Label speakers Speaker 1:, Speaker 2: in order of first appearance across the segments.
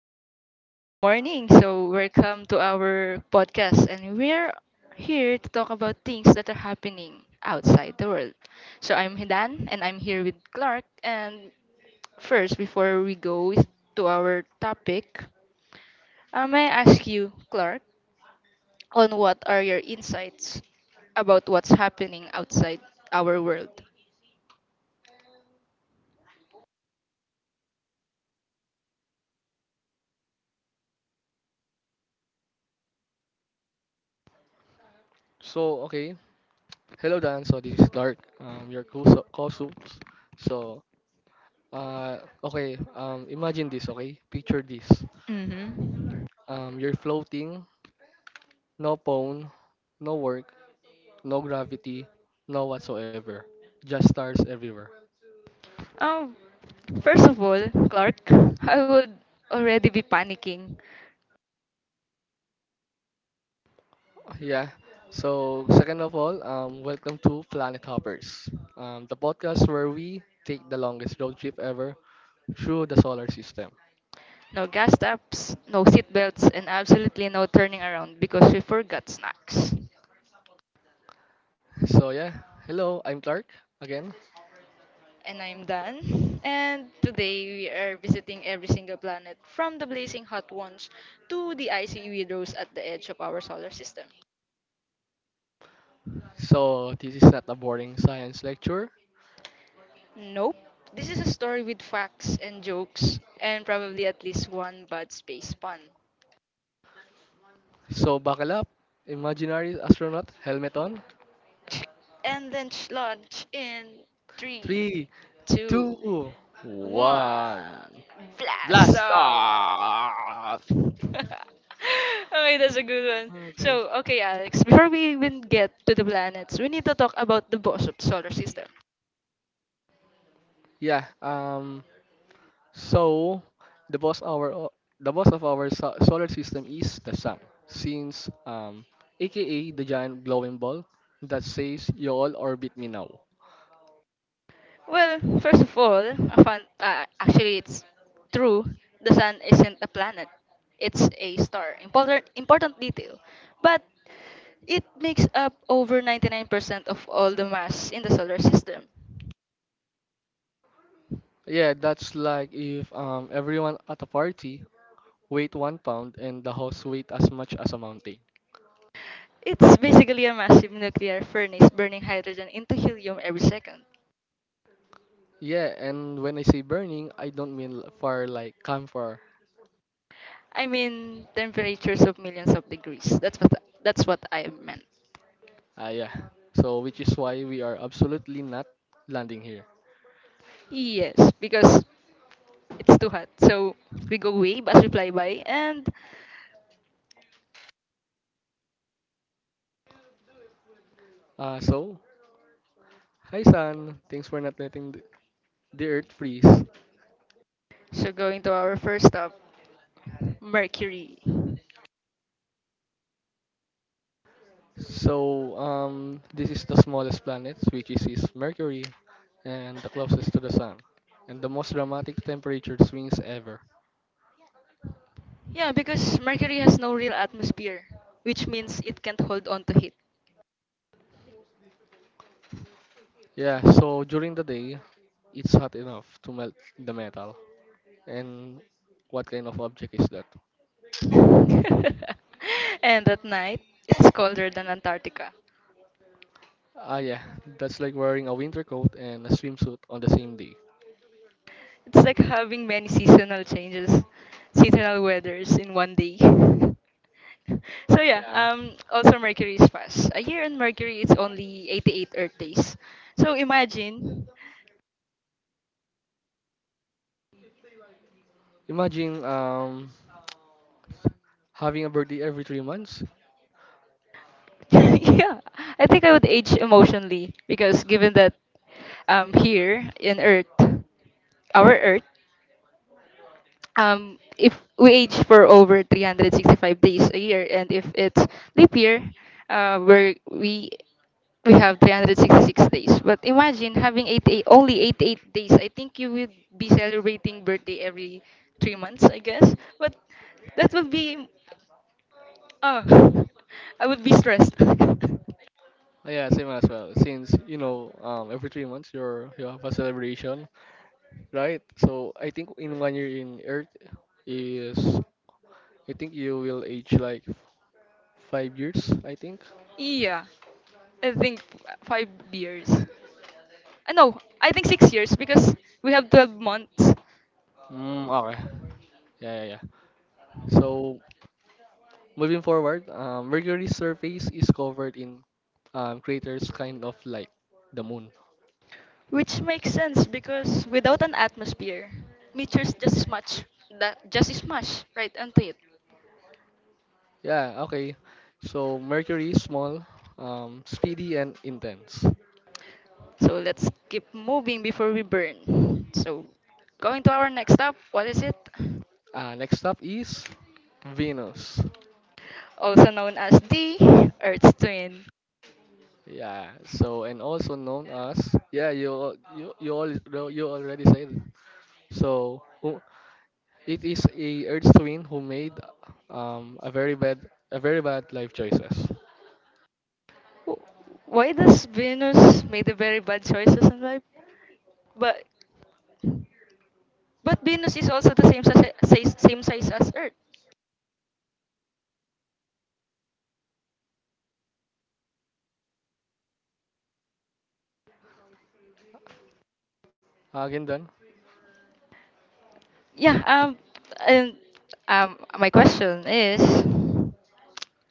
Speaker 1: Okay, so good morning. So welcome to our podcast, and we're here to talk about things that are happening outside the world. So I'm Hidan, and I'm here with Clark. And first, before we go to our topic, may I ask you, Clark, on what are your insights about what's happening outside our world?
Speaker 2: So, okay. Hello, Dan. So, this is Dark, your co-soups. So, okay. Imagine this, okay? Picture this.
Speaker 1: Mm-hmm.
Speaker 2: You're floating, no phone, no work, no gravity, no whatsoever. Just stars everywhere.
Speaker 1: Um, first of all, Clark, I would already be panicking.
Speaker 2: Yeah. So, second of all, welcome to Planet Hoppers, the podcast where we take the longest road trip ever through the solar system.
Speaker 1: No gas taps, no seat belts, and absolutely no turning around because we forgot snacks.
Speaker 2: So, yeah. Hello, I'm Clark again.
Speaker 1: And I'm Dan. And today we are visiting every single planet, from the blazing hot ones to the icy weirdos at the edge of our solar system.
Speaker 2: So, this is not a boring science lecture.
Speaker 1: Nope, this is a story with facts and jokes and probably at least one bad space pun.
Speaker 2: So, buckle up. Imaginary astronaut helmet on.
Speaker 1: And then launch in
Speaker 2: Three,
Speaker 1: three,
Speaker 2: two,
Speaker 1: two, one.
Speaker 2: one.
Speaker 1: Blast
Speaker 2: Blast
Speaker 1: off!
Speaker 2: off!
Speaker 1: Okay, that's a good one.
Speaker 2: Okay.
Speaker 1: So, okay, Alex, before we even get to the planets, we need to talk about the boss of the solar system.
Speaker 2: Yeah. So, the boss our o- the boss of our solar system is the sun, since aka the giant glowing ball that says you all orbit me now.
Speaker 1: Well, first of all, a fun, actually, it's true. The sun isn't a planet; it's a star. Important detail, but it makes up over 99% of all the mass in the solar system.
Speaker 2: Yeah, that's like if everyone at a party weight 1 pound and the house weight as much as a mountain.
Speaker 1: It's basically a massive nuclear furnace burning hydrogen into helium every second.
Speaker 2: Yeah, and when I say burning, I don't mean far like camphor.
Speaker 1: I mean, temperatures of millions of degrees. That's what I meant.
Speaker 2: Ah, yeah. So, which is why we are absolutely not landing here.
Speaker 1: Yes, because it's too hot. So we go way, but we fly by, and
Speaker 2: Ah, so, hi San. Thanks for not letting the Earth freeze.
Speaker 1: so going to our first stop, Mercury.
Speaker 2: So, this is the smallest planet, which is Mercury, and the closest to the Sun, and the most dramatic temperature swings ever.
Speaker 1: Yeah, because Mercury has no real atmosphere, which means it can't hold on to heat.
Speaker 2: Yeah. So during the day, it's hot enough to melt the metal. And what kind of object is that?
Speaker 1: And at night, it's colder than Antarctica.
Speaker 2: Ah, yeah, that's like wearing a winter coat and a swimsuit on the same day.
Speaker 1: It's like having many seasonal weathers in one day. So yeah,
Speaker 2: Yeah,
Speaker 1: also Mercury is fast. A year on Mercury is only 88 Earth days. So imagine.
Speaker 2: imagine having a birthday every 3 months.
Speaker 1: Yeah, I think I would age emotionally, because given that, here in Earth, our Earth, if we age for over 365 days a year, and if it's leap year, where we have 366 days. But imagine having 88, only 88 days. I think you would be celebrating birthday every 3 months, I guess. But that would be, uh, I would be stressed.
Speaker 2: Ah, yeah, same as well. Since every 3 months you have a celebration, right? So I think in one year in Earth is I think you will age like 5 years. I think.
Speaker 1: Yeah, I think 5 years. No, I think 6 years because we have 12 months,
Speaker 2: Mm, okay. Yeah, yeah, yeah. So, moving forward, Mercury's surface is covered in craters kind of like the moon.
Speaker 1: which makes sense because without an atmosphere, meteors just smash right onto it.
Speaker 2: Yeah, okay. So Mercury is small, speedy, and intense.
Speaker 1: So let's keep moving before we burn. So going to our next stop, what is it?
Speaker 2: Next up is Venus.
Speaker 1: Also known as the Earth's twin.
Speaker 2: Yeah, so and also known as, yeah, you al- you all you already said. So, it is a Earth's twin who made a very bad life choices.
Speaker 1: Wh- Why does Venus make the very bad choices in life? But But Venus is also the same same size as Earth.
Speaker 2: Again done.
Speaker 1: Yeah. And um, my question is,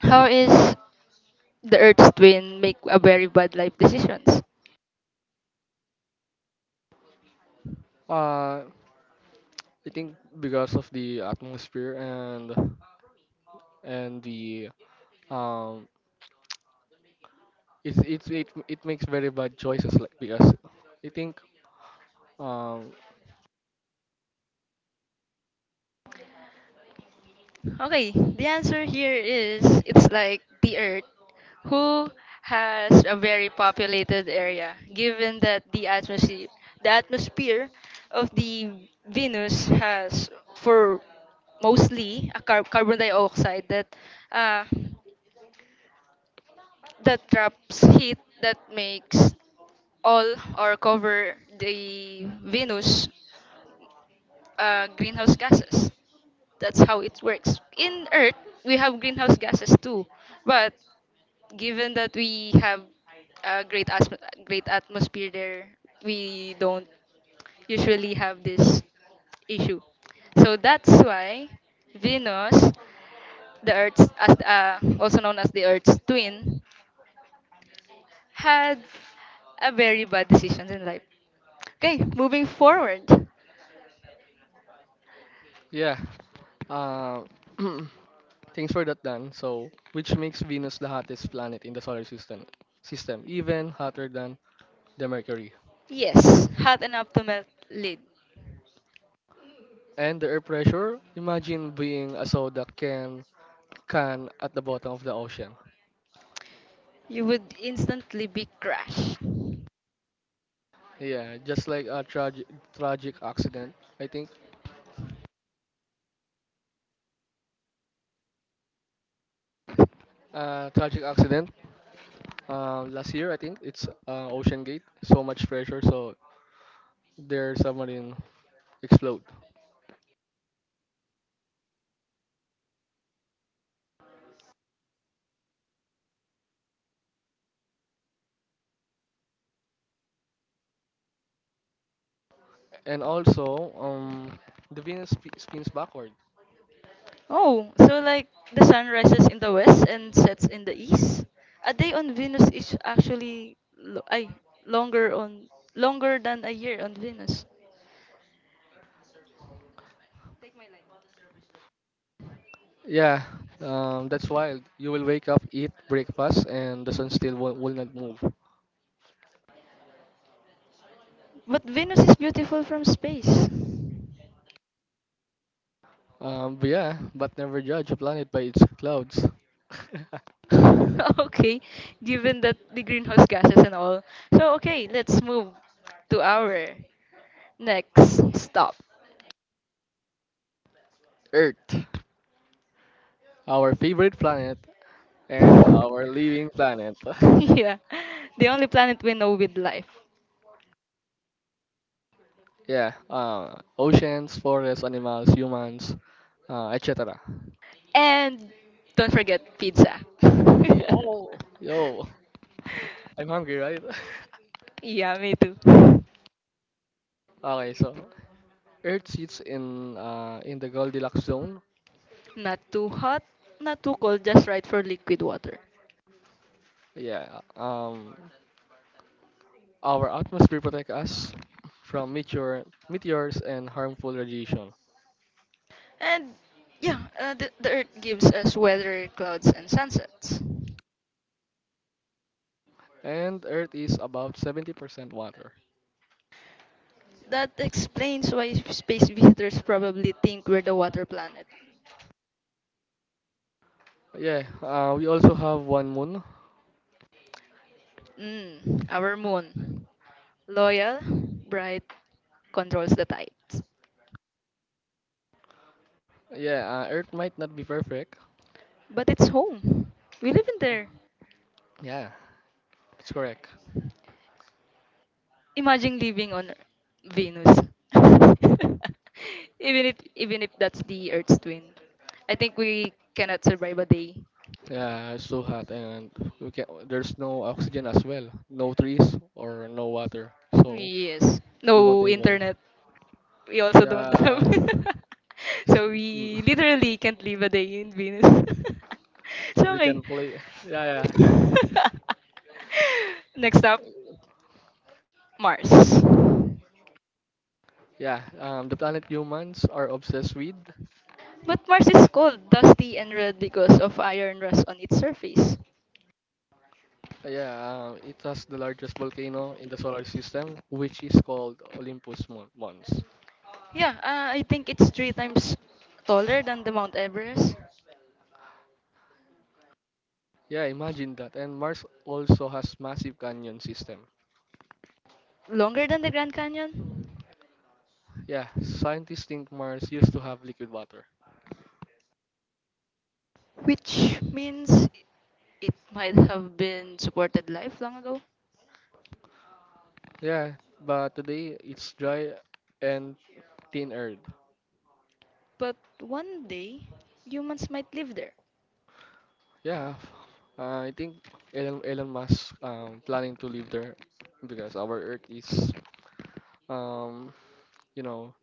Speaker 1: how is the Earth's twin make a very bad life decisions?
Speaker 2: Uh, I think because of the atmosphere and the um it makes very bad choices like because I think um
Speaker 1: Okay, the answer here is it's like the Earth, who has a very populated area, given that the atmosphere of the Venus has for mostly a carbon dioxide that, uh, that traps heat that makes all or cover the Venus, greenhouse gases. That's how it works. In Earth, we have greenhouse gases too, but given that we have a great atmosphere there, we don't usually have this issue. So that's why Venus, the Earth's as, also known as the Earth's twin, had a very bad decisions in life. Okay, moving forward.
Speaker 2: yeah. uh, Thanks for that, Dan. So which makes Venus the hottest planet in the solar system, even hotter than the Mercury.
Speaker 1: Yes, hot enough to melt lead.
Speaker 2: And the air pressure, imagine being a soda can at the bottom of the ocean.
Speaker 1: You would instantly be crushed.
Speaker 2: Yeah, just like a tragic accident. I think tragic accident. Last year, I think it's Ocean Gate. So much pressure, so their submarine explode. And also, the Venus spins backward.
Speaker 1: Oh, so like the sun rises in the west and sets in the east. A day on Venus is actually longer on, longer than a year on Venus.
Speaker 2: Yeah, that's wild. You will wake up, eat breakfast, and the sun still will not move.
Speaker 1: But Venus is beautiful from space.
Speaker 2: But yeah, but never judge a planet by its clouds.
Speaker 1: Okay, given that the greenhouse gases and all. So okay, let's move to our next stop.
Speaker 2: Earth, our favorite planet and our living planet.
Speaker 1: Yeah, the only planet we know with life.
Speaker 2: yeah, oceans, forests, animals, humans, etc.
Speaker 1: And don't forget pizza.
Speaker 2: Yo, yo, I'm hungry, right?
Speaker 1: Yeah, me too.
Speaker 2: okay, so Earth sits in the Goldilocks zone.
Speaker 1: Not too hot, not too cold, just right for liquid water.
Speaker 2: Yeah, our atmosphere protects us from meteors and harmful radiation,
Speaker 1: And yeah, the Earth gives us weather, clouds, and sunsets.
Speaker 2: and Earth is about 70% water.
Speaker 1: That explains why space visitors probably think we're the water planet.
Speaker 2: Yeah, we also have one moon.
Speaker 1: Mm, our moon. Loyal, bright, controls the tides.
Speaker 2: Yeah, Earth might not be perfect.
Speaker 1: But it's home. We live in there.
Speaker 2: Yeah, that's correct.
Speaker 1: Imagine living on Venus. Even if that's the Earth's twin. I think we cannot survive a day.
Speaker 2: Yeah, it's so hot and we can there's no oxygen as well, no trees or no water, so
Speaker 1: Yes.
Speaker 2: we won't
Speaker 1: No
Speaker 2: able.
Speaker 1: internet. We also don't have.
Speaker 2: Yeah,
Speaker 1: So we literally can't live a day in Venus. So
Speaker 2: we
Speaker 1: okay.
Speaker 2: can play. Yeah, yeah,
Speaker 1: Next up, Mars.
Speaker 2: yeah. The planet humans are obsessed with.
Speaker 1: But Mars is cold, dusty, and red because of iron rust on its surface.
Speaker 2: Yeah, it has the largest volcano in the solar system, which is called Olympus Mons.
Speaker 1: Yeah, I think it's three times taller than the Mount Everest,
Speaker 2: Yeah, imagine that. And Mars also has massive canyon system.
Speaker 1: longer than the Grand Canyon,
Speaker 2: Yeah, scientists think Mars used to have liquid water.
Speaker 1: which means it might have been supported life long ago.
Speaker 2: Yeah, but today it's dry and thin earth.
Speaker 1: But one day, humans might live there.
Speaker 2: Yeah, I think Elon Musk planning to live there because our Earth is, um you know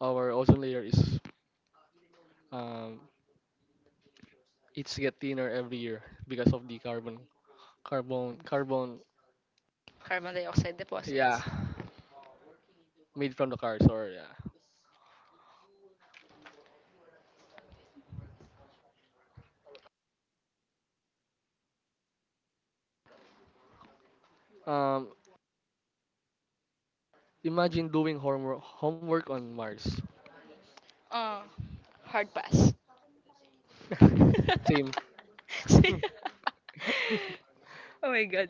Speaker 2: our ozone layer is, um it's get thinner every year because of the carbon.
Speaker 1: Carbon dioxide
Speaker 2: Yeah,
Speaker 1: deposits.
Speaker 2: made from the cars or yeah. Um, imagine doing homework on Mars.
Speaker 1: Uh, hard pass.
Speaker 2: same.
Speaker 1: Oh my god.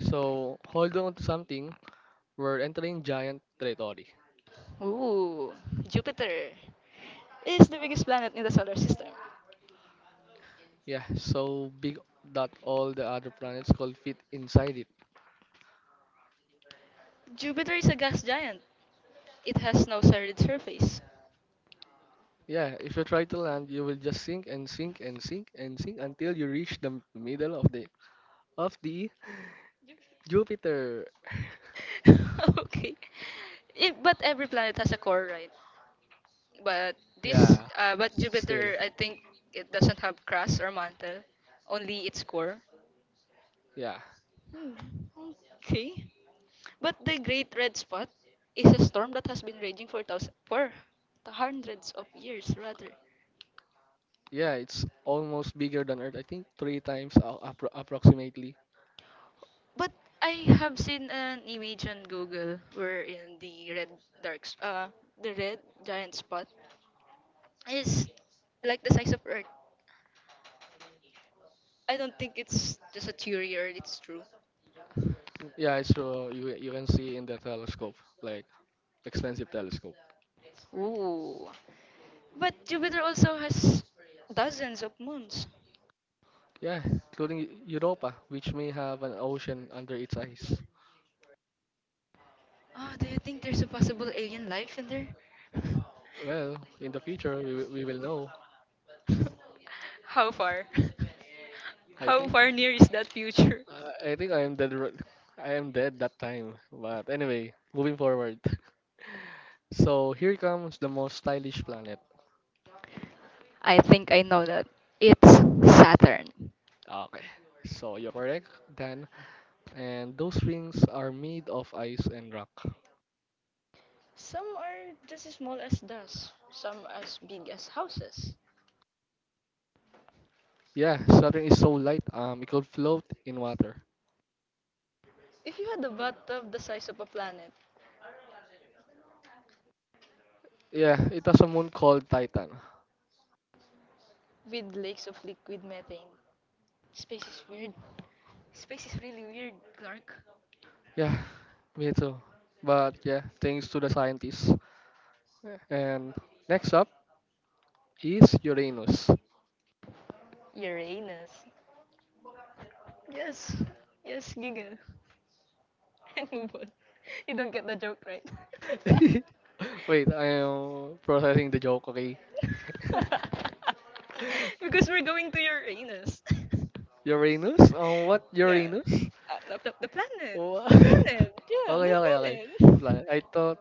Speaker 2: so hold on to something, we're entering giant territory.
Speaker 1: Ooh, Jupiter is the biggest planet in the solar system.
Speaker 2: Yeah, so big that all the other planets could fit inside it.
Speaker 1: Jupiter is a gas giant. It has no solid surface.
Speaker 2: Yeah, if you try to land, you will just sink and sink and sink and sink until you reach the middle of the Jupiter.
Speaker 1: Okay. It, but every planet has a core, right? But this,
Speaker 2: Yeah,
Speaker 1: but
Speaker 2: still.
Speaker 1: Jupiter, I think it doesn't have crust or mantle, only its core.
Speaker 2: Yeah.
Speaker 1: Hmm. Okay. But the Great Red Spot is a storm that has been raging for hundreds of years, rather.
Speaker 2: Yeah, it's almost bigger than Earth. I think 3 times approximately.
Speaker 1: But I have seen an image on Google where in the dark, s- uh, the red giant spot is like the size of Earth. I don't think it's just a theory or it's true.
Speaker 2: Yeah, it's true. You can see in the telescope, like expensive telescope.
Speaker 1: Ooh. But Jupiter also has dozens of moons.
Speaker 2: Yeah, including Europa, which may have an ocean under its ice.
Speaker 1: Oh, do you think there's a possible alien life in there?
Speaker 2: Well, in the future, we will know.
Speaker 1: How far?
Speaker 2: I
Speaker 1: How
Speaker 2: think
Speaker 1: far near is that future?
Speaker 2: I think I am dead. I am dead that time. But anyway, moving forward. So here comes the most stylish planet.
Speaker 1: I think I know that. It's Saturn.
Speaker 2: Okay. So you're correct, Dan. And those rings are made of ice and rock.
Speaker 1: Some are just as small as dust, some as big as houses.
Speaker 2: Yeah, Saturn is so light. It could float in water.
Speaker 1: If you had a bathtub the size of a planet
Speaker 2: Yeah, it has a moon called Titan.
Speaker 1: with lakes of liquid methane, space is weird. Space is really weird, Clark.
Speaker 2: Yeah, me too. But yeah, thanks to the scientists. And next up is Uranus.
Speaker 1: Uranus. Yes. Yes, giggle. And move on. You don't get the joke, right?
Speaker 2: Wait, I am processing the joke, okay?
Speaker 1: Because we're going to Uranus.
Speaker 2: Uranus? What
Speaker 1: Yeah.
Speaker 2: Uranus?
Speaker 1: The planet. The planet. Yeah,
Speaker 2: Okay, okay, okay.
Speaker 1: the
Speaker 2: The planet. I thought.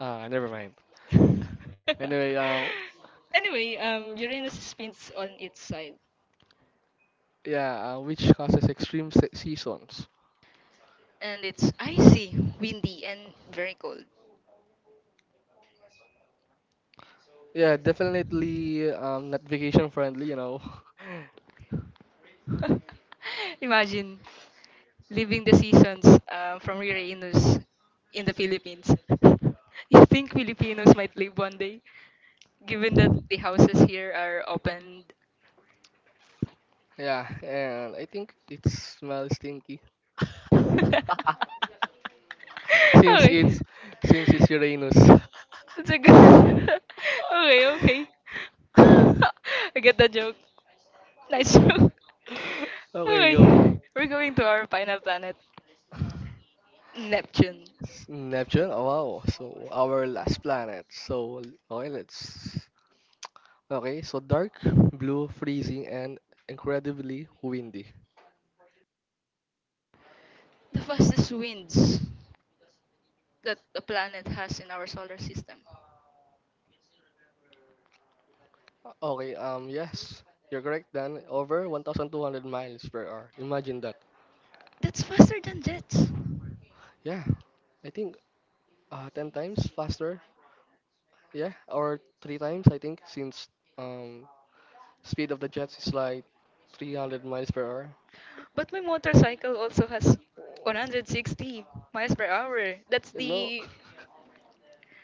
Speaker 2: Ah, never mind.
Speaker 1: planet.
Speaker 2: Anyway,
Speaker 1: Anyway, Uranus spins on its side.
Speaker 2: yeah, which causes extreme seasons.
Speaker 1: And it's icy, windy, and very cold.
Speaker 2: Yeah, definitely not vacation friendly.
Speaker 1: Imagine living the seasons, from Rira Inus in the Philippines. You think Filipinos might live one day, given that the houses here are opened?
Speaker 2: yeah, and I think it smells stinky
Speaker 1: Okay.
Speaker 2: since it's since it's Uranus.
Speaker 1: That's a good. Okay, okay. I get the joke. Nice joke.
Speaker 2: okay, go.
Speaker 1: Okay, we're going to our final planet, Neptune.
Speaker 2: Neptune. Oh, wow. So our last planet. So okay, let's okay, so dark, blue, freezing, and incredibly windy.
Speaker 1: The fastest winds that the planet has in our solar system.
Speaker 2: Okay, yes, you're correct, Dan. Over 1,200 miles per hour. Imagine that.
Speaker 1: That's faster than jets.
Speaker 2: Yeah, I think 10 times faster. Yeah, or 3 times, I think, since um, speed of the jets is like 300 miles per hour.
Speaker 1: But my motorcycle also has 160 miles per hour. That's
Speaker 2: You know?
Speaker 1: the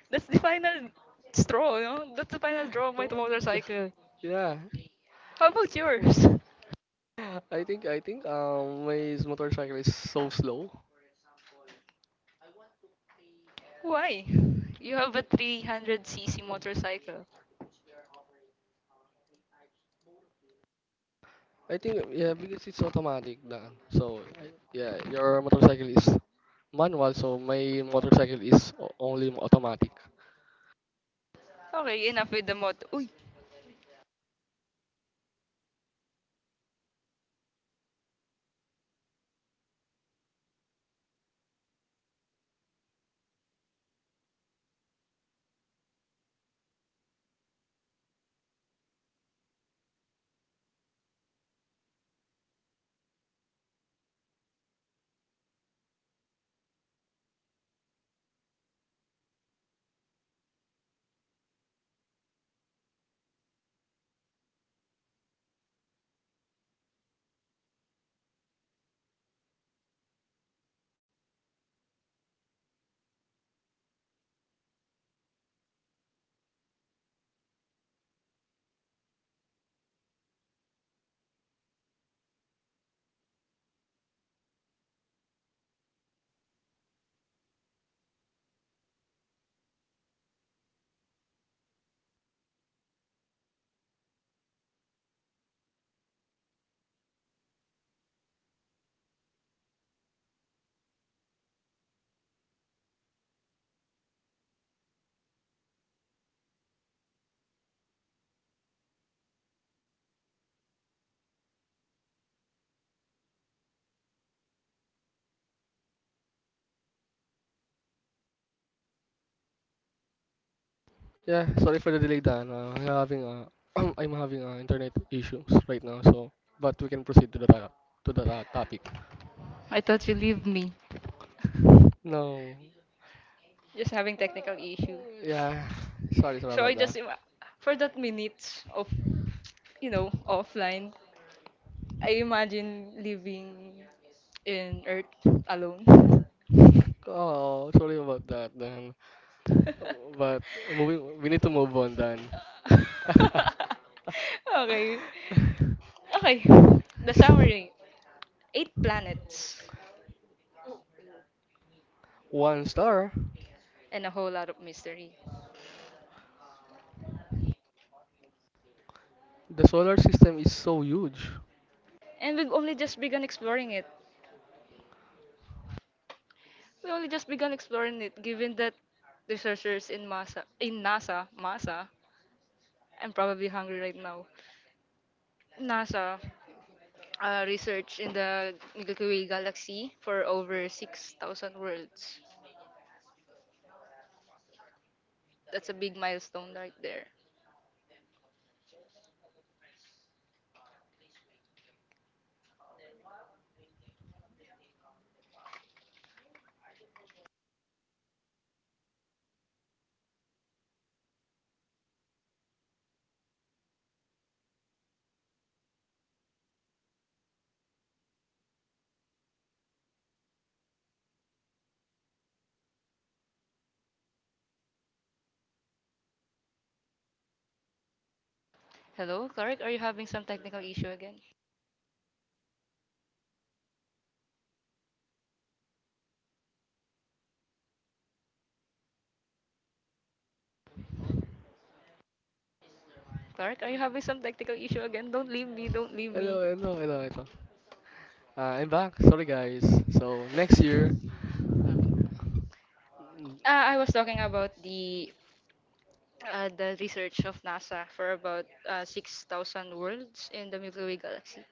Speaker 1: that's the final straw, you know. That's the final draw of my motorcycle.
Speaker 2: yeah,
Speaker 1: How about yours?
Speaker 2: I think my motorcycle is so slow.
Speaker 1: Why? You have a 300cc motorcycle. Okay, enough with the motor. Uy,
Speaker 2: Yeah, sorry for the delay, Dan. I'm having internet issues right now, so but we can proceed to the to the topic.
Speaker 1: I thought you leave me.
Speaker 2: No,
Speaker 1: Just having technical issue.
Speaker 2: yeah, sorry
Speaker 1: So I
Speaker 2: about that.
Speaker 1: just for that minutes of, you know, offline, I imagine living in Earth alone.
Speaker 2: Oh, sorry about that, Dan. But moving, we need to move on, Dan.
Speaker 1: Okay. Okay. The summary: eight planets
Speaker 2: One star.
Speaker 1: and a whole lot of mystery.
Speaker 2: The solar system is so huge.
Speaker 1: And we've only just begun exploring it. We only just begun exploring it, given that researchers in NASA, I'm probably hungry right now. NASA, research in the Milky Way galaxy for over 6,000 worlds. That's a big milestone right there. Hello, Clark, are you having some technical issue again? Clark, are you having some technical issue again? Don't leave me, don't leave me.
Speaker 2: Hello, hello, hello, hello. I'm back. Sorry, guys. So next year,
Speaker 1: I was talking about the research of NASA for about, 6,000 worlds in the Milky Way galaxy.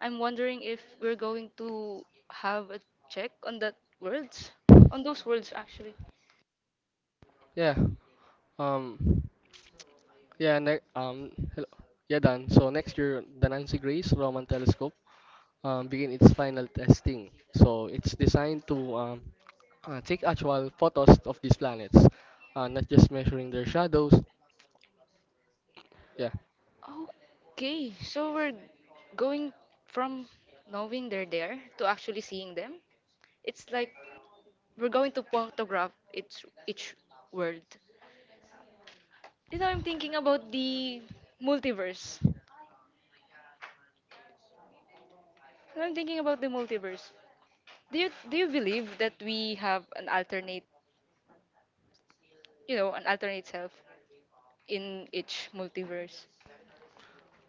Speaker 1: I'm wondering if we're going to have a check on that worlds, on those worlds actually.
Speaker 2: yeah. Um, yeah, ne hello. Yeah, Dan. So next year, the Nancy Grace Roman Telescope begin its final testing. So it's designed to take actual photos of these planets, not just measuring their shadows. Yeah.
Speaker 1: Okay, so we're going from knowing they're there to actually seeing them. It's like we're going to photograph each world. You know, I'm thinking about the multiverse. When I'm thinking about the multiverse. Do you believe that we have an alternate, you know, an alternate self in each multiverse?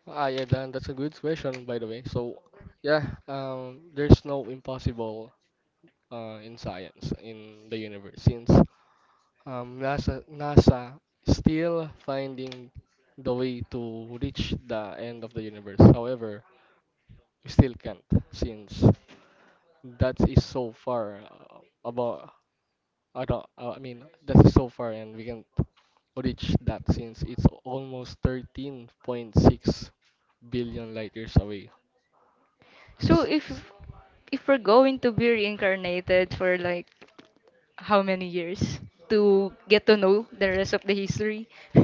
Speaker 2: Ah, yeah, Dan, that's a good question, by the way. So, yeah, there's no impossible in science in the universe since NASA still finding the way to reach the end of the universe. However, still can't, since that is so far, about. I don't. I mean, that is so far, and we can't reach that since it's almost 13.6 billion light years away.
Speaker 1: So
Speaker 2: S- s-
Speaker 1: if we're going to be reincarnated for like how many years, to get to know the rest of the history,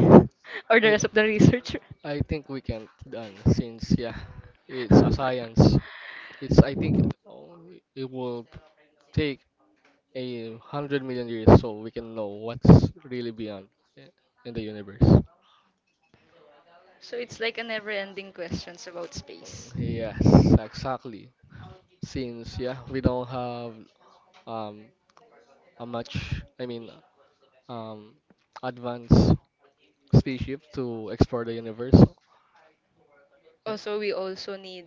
Speaker 1: or the
Speaker 2: I
Speaker 1: rest of the researcher.
Speaker 2: I think we can't done since yeah,
Speaker 1: So
Speaker 2: it's a science. It's I think, oh, it will take 100 million years so we can know what's really beyond, i- in the universe.
Speaker 1: it's like a never-ending questions about space.
Speaker 2: Yes, exactly. Since yeah we don't have um a much I mean, um advanced spaceship to explore the universe. Yeah.
Speaker 1: Also, we also need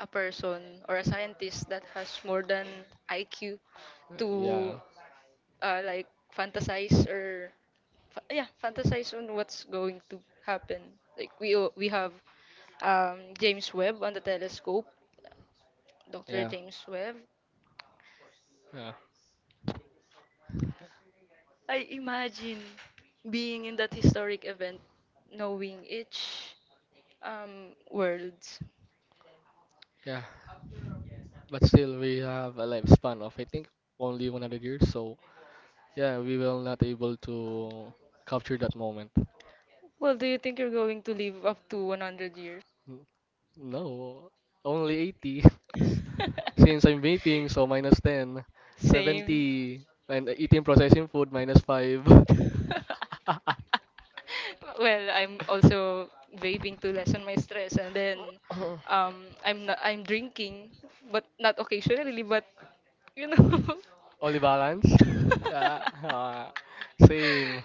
Speaker 1: a person or a scientist that has more than IQ
Speaker 2: yeah,
Speaker 1: to, like fantasize or yeah, fantasize on what's going to happen. Like we we have, James Webb on the telescope, Dr.
Speaker 2: yeah,
Speaker 1: James Webb.
Speaker 2: yeah,
Speaker 1: I imagine being in that historic event, knowing each, world.
Speaker 2: yeah. But still, we have a lifespan of I think only 100 years. So yeah, we will not able to capture that moment.
Speaker 1: Well, do you think you're going to live up to 100 years?
Speaker 2: N- No, only 80. Since I'm vaping, so minus 10,
Speaker 1: Same.
Speaker 2: 70, and eating processing food minus 5.
Speaker 1: Well, I'm also vaping to lessen my stress, and then, I'm drinking, but not occasionally, but you know.
Speaker 2: Only balance. Yeah. Same.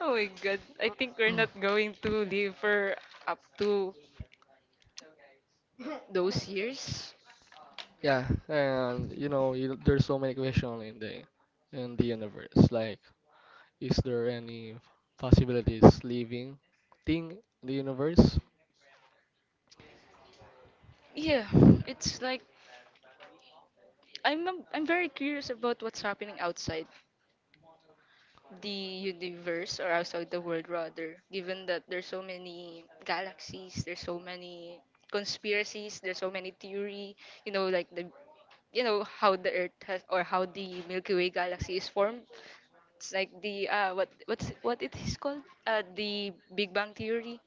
Speaker 1: Oh my god! I think we're not going to live for up to those years.
Speaker 2: Yeah. And there's so many questions in the universe. Like, is there any possibilities living thing in the universe?
Speaker 1: Yeah, it's like I'm very curious about what's happening outside, the universe or outside the world rather, given that there's so many galaxies, there's so many conspiracies, there's so many theory. You know, like, the you know, how the earth has or how the Milky Way galaxy is formed. It's like the, what it is called, the Big Bang theory.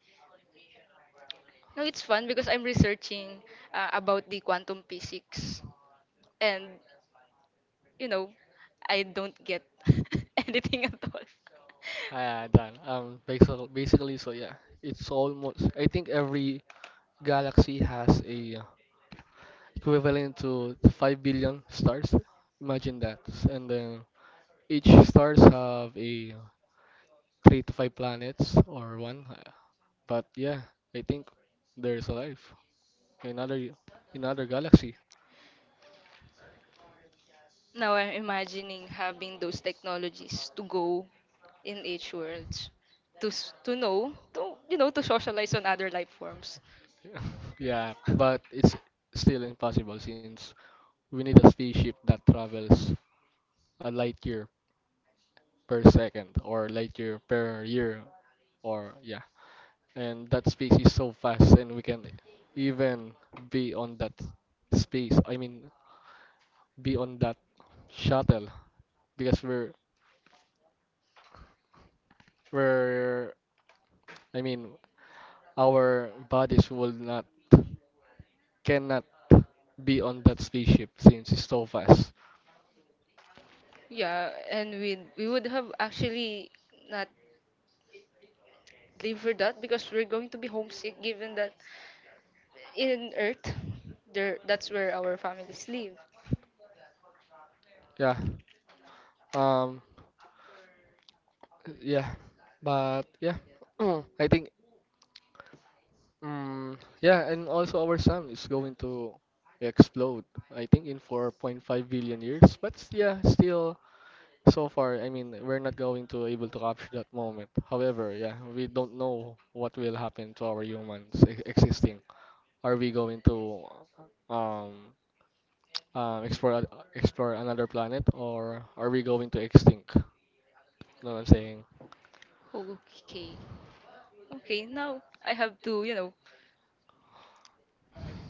Speaker 1: No, it's fun because I'm researching, about the quantum physics, and you know, I don't get anything at all.
Speaker 2: Ah, done. Basically, so yeah, it's almost. I think every galaxy has a equivalent to 5 billion stars. Imagine that, and then each stars have a three to five planets or one. But yeah, I think there's a life in other, in other galaxy.
Speaker 1: Now I'm imagining having those technologies to go in each world, to to know, to, you know, to socialize on other life forms.
Speaker 2: yeah, but it's still impossible since we need a spaceship that travels a light year per second or light year per year or yeah. And that space is so fast and we can even be on that space. I mean be on that shuttle because we're I mean our bodies will not cannot be on that spaceship since it's so fast.
Speaker 1: Yeah, and we would have actually not lived for that because we're going to be homesick, given that in Earth, there that's where our families live.
Speaker 2: Yeah. Um. Yeah. But yeah. I think. Yeah. And also our sun is going to explode. I think in 4.5 billion years. But yeah, still so far. I mean, we're not going to able to capture that moment. However, yeah, we don't know what will happen to our humans existing. Are we going to um explore, explore another planet, or are we going to extinct? You know what I'm saying?
Speaker 1: Okay, okay. Now I have to, you know,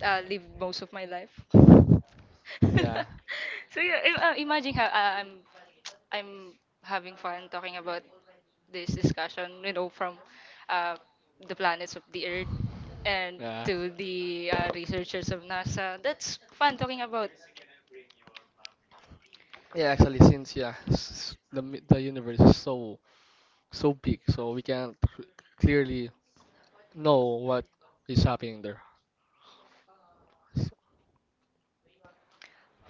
Speaker 1: live most of my life. So
Speaker 2: Yeah,
Speaker 1: yeah, imagine how, I'm having fun talking about this discussion, you know, from, uh, the planets of the Earth and
Speaker 2: yeah,
Speaker 1: to the, researchers of NASA. That's fun talking about.
Speaker 2: yeah. Actually, since yeah, the universe is so big, so we can't clearly know what is happening there. S-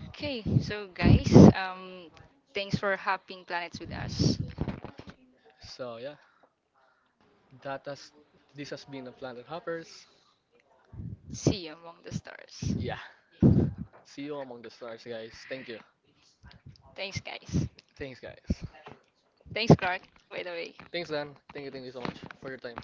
Speaker 1: Okay, so guys, um, thanks for hopping planets with us.
Speaker 2: So, yeah, that has this has been the Planet Hoppers.
Speaker 1: See you among the stars.
Speaker 2: Yeah, see you among the stars, guys. Thank you.
Speaker 1: Thanks, guys.
Speaker 2: Thanks, guys.
Speaker 1: Thanks, Clark. By the way.
Speaker 2: Thanks, Dan. Thank you so much for your time.